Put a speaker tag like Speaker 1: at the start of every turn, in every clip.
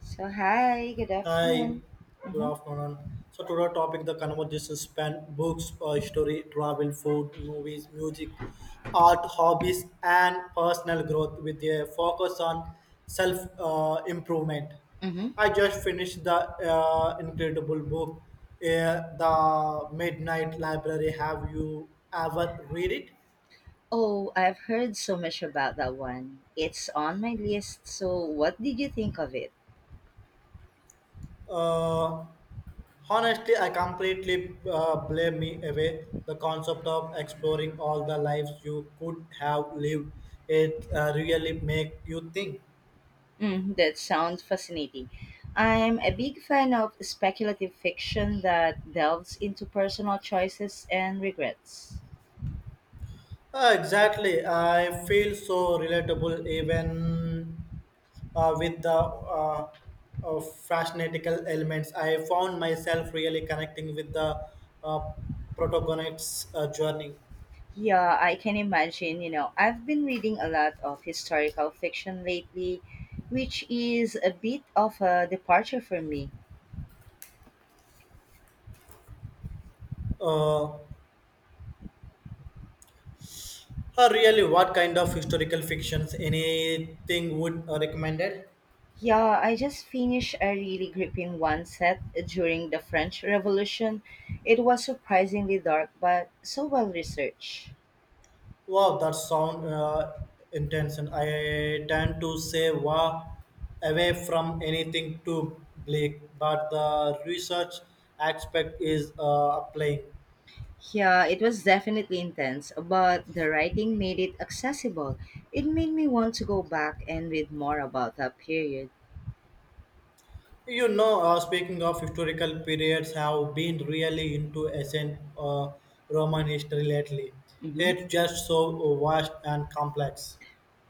Speaker 1: So, hi, good
Speaker 2: Hi,
Speaker 1: afternoon.
Speaker 2: good
Speaker 1: Hmm.
Speaker 2: afternoon. So today topic the conversation span books, story, travel, food, movies, music, art, hobbies, and personal growth with a focus on self improvement.
Speaker 1: Mm-hmm.
Speaker 2: I just finished the incredible book, The Midnight Library. Have you ever read it?
Speaker 1: Oh, I've heard so much about that one. It's on my list, so what did you think of it?
Speaker 2: Uh, Honestly, I completely blame me away. The concept of exploring all the lives you could have lived, it really make you think.
Speaker 1: Mm, that sounds fascinating. I'm a big fan of speculative fiction that delves into personal choices and regrets.
Speaker 2: Exactly, I feel so relatable even with the fascinatical elements. I found myself really connecting with the uh, protagonist's journey.
Speaker 1: Yeah, I can imagine. You know, I've been reading a lot of historical fiction lately, which is a bit of a departure for me.
Speaker 2: Uh, really, what kind of historical fictions anything would recommended?
Speaker 1: Yeah, I just finished a really gripping one set during the French Revolution. It was surprisingly dark, but so well researched.
Speaker 2: Wow, that sound intense. And I tend to say wow away from anything too bleak, but the research aspect is applying.
Speaker 1: Yeah, it was definitely intense, but the writing made it accessible. It made me want to go back and read more about that period.
Speaker 2: You know, speaking of historical periods, have been really into ancient Roman history lately.
Speaker 1: Hmm.
Speaker 2: It's just so vast and complex.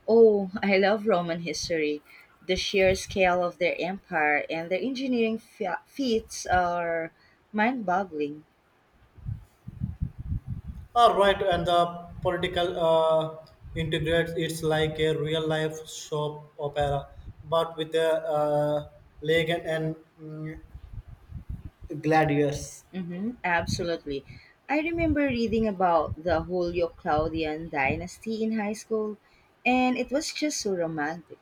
Speaker 1: Oh, I love Roman history. The sheer scale of their empire and their engineering feats are mind boggling.
Speaker 2: All right, and the political integrates it's like a real life soap opera, but with a Legan and mm, Gladius.
Speaker 1: Mm-hmm, absolutely. I remember reading about the Julio Claudian dynasty in high school, and it was just so romantic.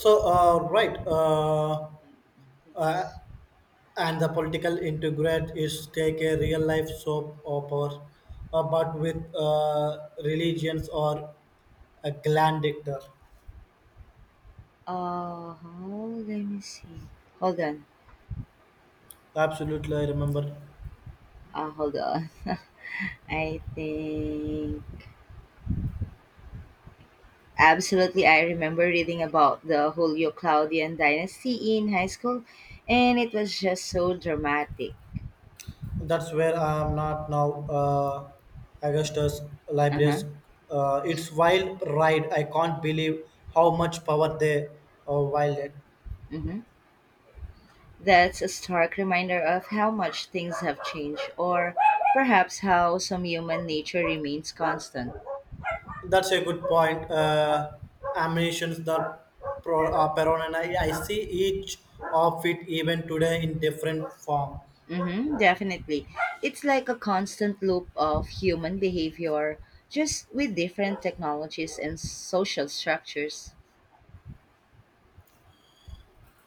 Speaker 2: So, right, uh, and the political integrate is take a real life soap opera, but with religions or a gland dictator.
Speaker 1: Oh, Let me see. Hold on.
Speaker 2: Absolutely, I remember.
Speaker 1: Hold on. I think absolutely I remember reading about the Julio Claudian dynasty in high school, and it was just so dramatic.
Speaker 2: That's where I am not now. Augustus
Speaker 1: Uh huh.
Speaker 2: Libraries. It's wild ride. I can't believe how much power they wild.
Speaker 1: Mm-hmm. That's a stark reminder of how much things have changed, or perhaps how some human nature remains constant.
Speaker 2: That's a good point. Ammunitions the pro, Peron I see each of it even today in different form.
Speaker 1: Mm-hmm, definitely. It's like a constant loop of human behavior, just with different technologies and social structures.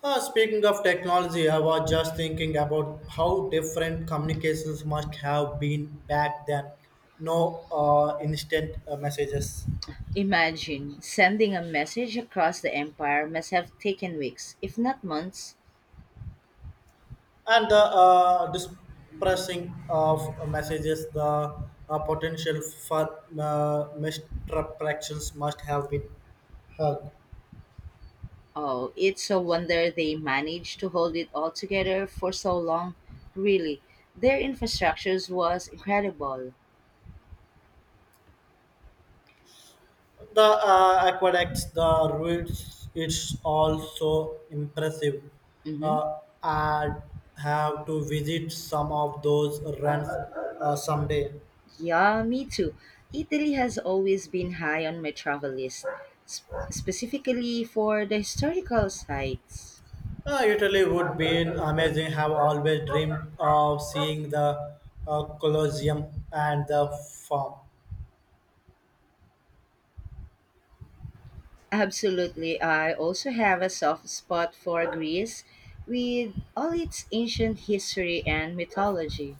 Speaker 2: Speaking of technology, I was just thinking about how different communications must have been back then. No instant messages.
Speaker 1: Imagine sending a message across the empire must have taken weeks, if not months.
Speaker 2: And the dispersing of messages the potential for misdirections must have been uh,
Speaker 1: Oh, it's a wonder they managed to hold it all together for so long. Really, their infrastructures was incredible.
Speaker 2: the aqueducts the routes it's also impressive
Speaker 1: Hmm.
Speaker 2: uh, I have to visit some of those runs someday.
Speaker 1: Yeah, me too. Italy has always been high on my travel list, specifically for the historical sites.
Speaker 2: Italy would be an amazing. Have always dreamed of seeing the Colosseum and the Forum.
Speaker 1: Absolutely, I also have a soft spot for Greece with all its ancient history and mythology.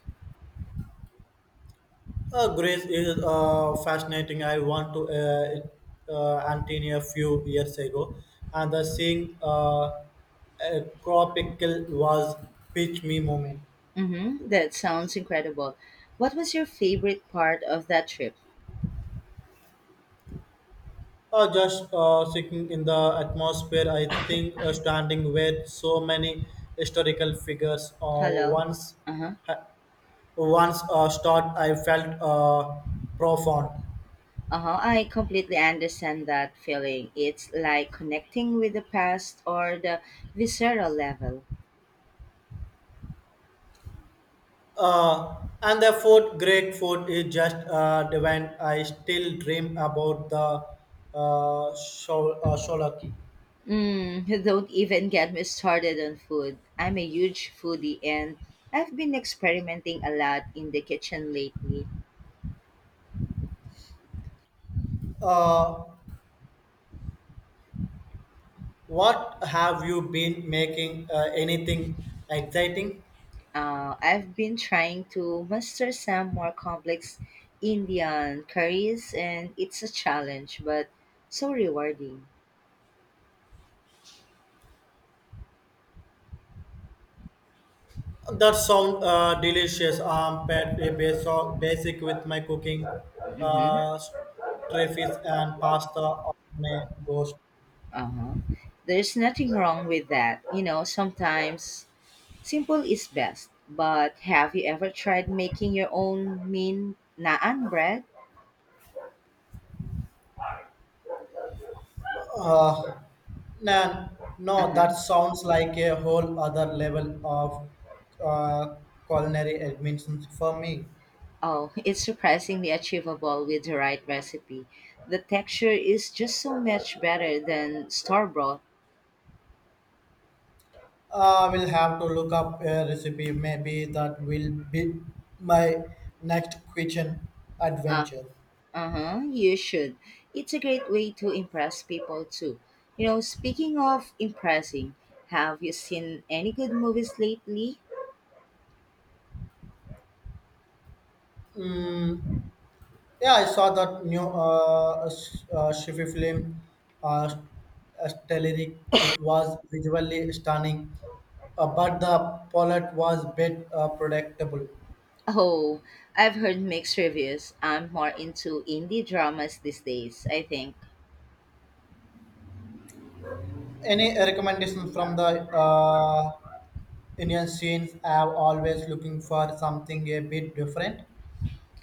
Speaker 2: Greece is fascinating. I went to Antonia a few years ago, and the seeing Acropical was pitch me moment.
Speaker 1: Hmm, that sounds incredible. What was your favorite part of that trip?
Speaker 2: Just sitting in the atmosphere, I think standing with so many historical figures.
Speaker 1: Hello.
Speaker 2: Once,
Speaker 1: Uh-huh.
Speaker 2: ha- once start, I felt profound.
Speaker 1: Uh-huh. I completely understand that feeling. It's like connecting with the past or the visceral level.
Speaker 2: Uh, and the fourth great food is just divine. I still dream about the sholaki.
Speaker 1: Mm, don't even get me started on food. I'm a huge foodie and I've been experimenting a lot in the kitchen lately.
Speaker 2: Uh, what have you been making? Anything exciting?
Speaker 1: I've been trying to master some more complex Indian curries and it's a challenge but so rewarding.
Speaker 2: That sound delicious. I'm pretty basic with my cooking.
Speaker 1: Mm-hmm.
Speaker 2: Stray fish and pasta on my ghost.
Speaker 1: Uh-huh. There's nothing wrong with that. You know, sometimes simple is best. But have you ever tried making your own mean naan bread?
Speaker 2: Uh, nah, no,
Speaker 1: Uh-huh.
Speaker 2: that sounds like a whole other level of uh, culinary admissions for me.
Speaker 1: Oh, it's surprisingly achievable with the right recipe. The texture is just so much better than store bought.
Speaker 2: I will have to look up a recipe. Maybe that will be my next kitchen
Speaker 1: Uh,
Speaker 2: adventure.
Speaker 1: uh-huh. You should. It's a great way to impress people too. You know, speaking of impressing, have you seen any good movies lately?
Speaker 2: Yeah, I saw that new Shifi film, uh, Stellaric. It was visually stunning, but the plot was bit predictable.
Speaker 1: Oh, I've heard mixed reviews. I'm more into indie dramas these days, I think.
Speaker 2: Any recommendation from the Indian scenes? I'm always looking for something a bit different.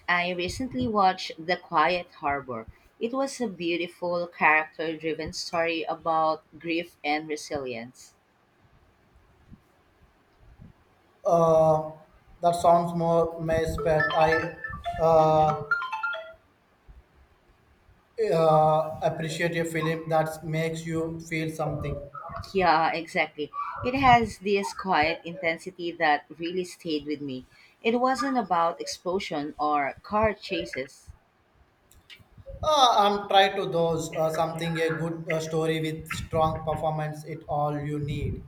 Speaker 1: I recently watched The Quiet Harbor. It was a beautiful, character driven story about grief and resilience.
Speaker 2: Uh, that sounds more maze, but I
Speaker 1: Hmm.
Speaker 2: uh, appreciate a film that makes you feel something.
Speaker 1: Yeah, exactly. It has this quiet intensity that really stayed with me. It wasn't about explosion or car chases.
Speaker 2: I'm trying to those something a good story with strong performance. It all you need.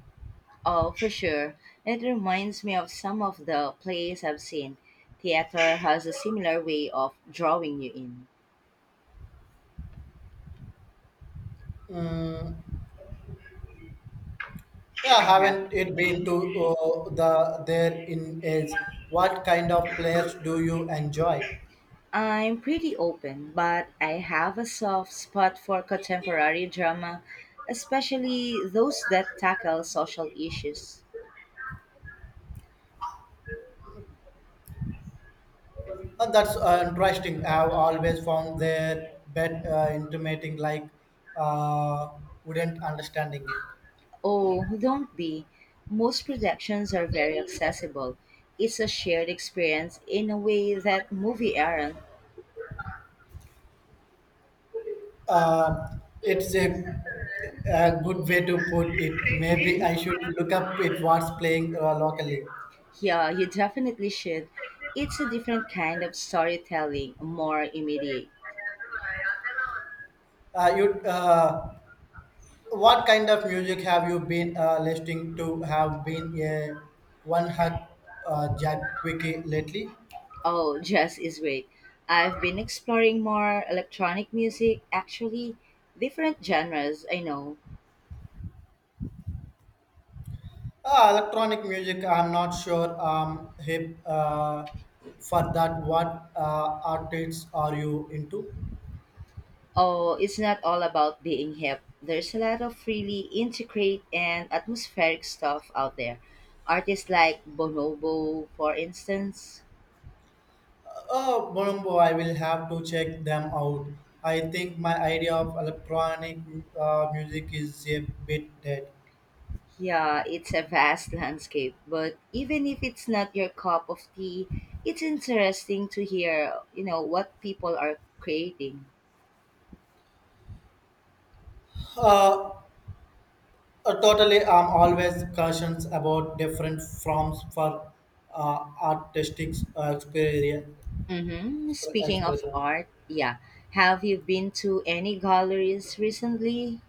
Speaker 1: Oh, for sure. It reminds me of some of the plays I've seen. Theater has a similar way of drawing you in.
Speaker 2: Yeah,
Speaker 1: I have
Speaker 2: haven't
Speaker 1: it.
Speaker 2: it been
Speaker 1: Mhm.
Speaker 2: to the there in age? What kind of players do you enjoy?
Speaker 1: I'm pretty open, but I have a soft spot for contemporary drama, especially those that tackle social issues.
Speaker 2: That's interesting. I've always found their bet intimating like uh, wouldn't understanding it.
Speaker 1: Oh, don't be. Most productions are very accessible. It's a shared experience in a way that movie aren't.
Speaker 2: Uh, it's a good way to put it. Maybe
Speaker 1: Mhm.
Speaker 2: I should look up it what's playing locally.
Speaker 1: Yeah, you definitely should. It's a different kind of storytelling, more immediate.
Speaker 2: Uh, you, uh, what kind of music have you been listening to? Have been a one hot jack quickie lately?
Speaker 1: Oh, jazz is great. I've been exploring more electronic music, actually, different genres, I know.
Speaker 2: Electronic music, I'm not sure hip for that. What artists are you into?
Speaker 1: Oh, it's not all about being hip. There's a lot of really intricate and atmospheric stuff out there. Artists like Bonobo, for instance.
Speaker 2: Oh, Bonumbo, I will have to check them out. I think my idea of electronic music is a bit dead.
Speaker 1: Yeah, it's a vast landscape, but even if it's not your cup of tea, it's interesting to hear, you know, what people are creating.
Speaker 2: Uh, totally, I'm always cautious about different forms for artistic
Speaker 1: Mm-hmm. Speaking of
Speaker 2: expression.
Speaker 1: art, yeah, have you been to any galleries recently?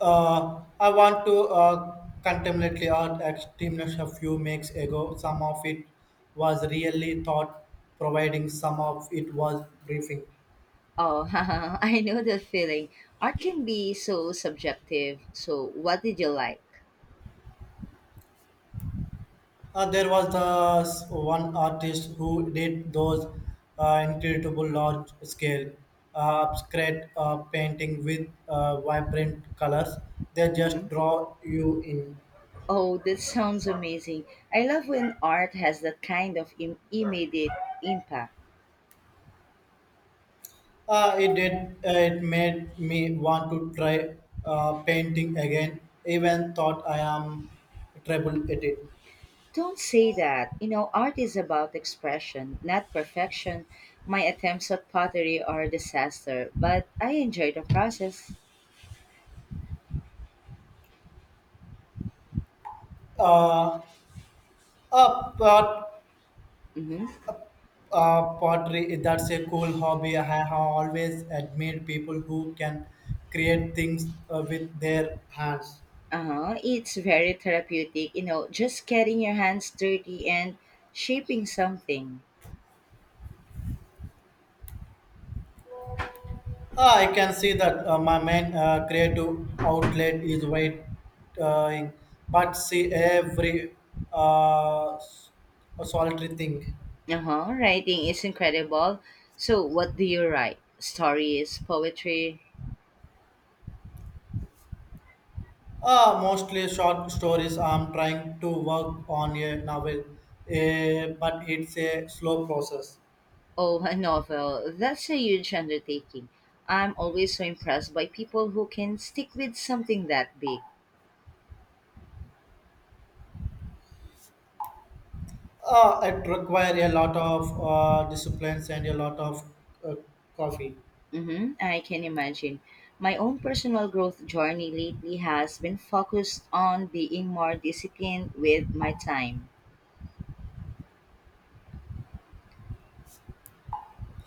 Speaker 2: I want to contemporary art extremists a few weeks ago. Some of it was really thought providing, some of it was briefing.
Speaker 1: Oh, I know that feeling. Art can be so subjective. So, what did you like?
Speaker 2: There was this one artist who did those incredible large scale abstract painting with vibrant colors. They
Speaker 1: Hmm.
Speaker 2: just draw you in.
Speaker 1: Oh, that sounds amazing. I love when art has that kind of immediate impact.
Speaker 2: It did. It made me want to try painting again. Even thought I am terrible at it.
Speaker 1: Don't say that. You know, art is about expression, not perfection. My attempts at pottery are a disaster, but I enjoy the process.
Speaker 2: Uh, uh, pot,
Speaker 1: Mm-hmm.
Speaker 2: pottery. That's a cool hobby. I have always admired people who can create things with their hands.
Speaker 1: Uh-huh. It's very therapeutic, you know, just getting your hands dirty and shaping something.
Speaker 2: Ah, I can see that my main creative outlet is writing, but see every uh, s- solitary thing.
Speaker 1: Uh-huh. Writing is incredible. So, what do you write? Stories, poetry,
Speaker 2: Mostly short stories. I'm trying to work on a novel, but it's a slow process.
Speaker 1: oh, a novel. That's a huge undertaking. I'm always so impressed by people who can stick with something that big.
Speaker 2: It requires a lot of disciplines and a lot of uh, coffee.
Speaker 1: Mm-hmm, I can imagine. My own personal growth journey lately has been focused on being more disciplined with my time.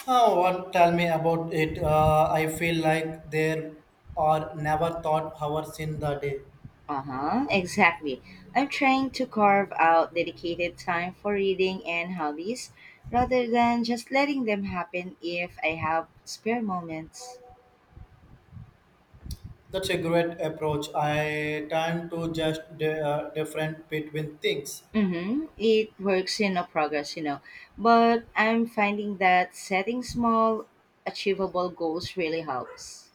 Speaker 2: Oh, one tell me about it. I feel like there are never thought hours in the day.
Speaker 1: Uh huh, exactly. I'm trying to carve out dedicated time for reading and hobbies rather than just letting them happen if I have spare moments.
Speaker 2: That's a great approach. I tend to just different between things.
Speaker 1: Mm-hmm. It works in a progress, you know. But I'm finding that setting small, achievable goals really helps.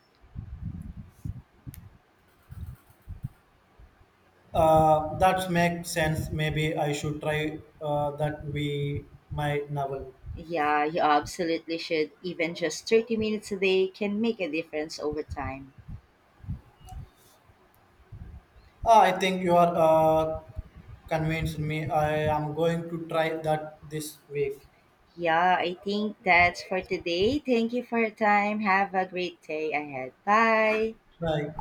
Speaker 2: That makes sense. Maybe I should try that we my novel.
Speaker 1: Yeah, you absolutely should. Even just 30 minutes a day can make a difference over time.
Speaker 2: Ah, I think you are convinced me. I am going to try that this week.
Speaker 1: Yeah, I think that's for today. Thank you for your time. Have a great day ahead. Bye.
Speaker 2: Bye.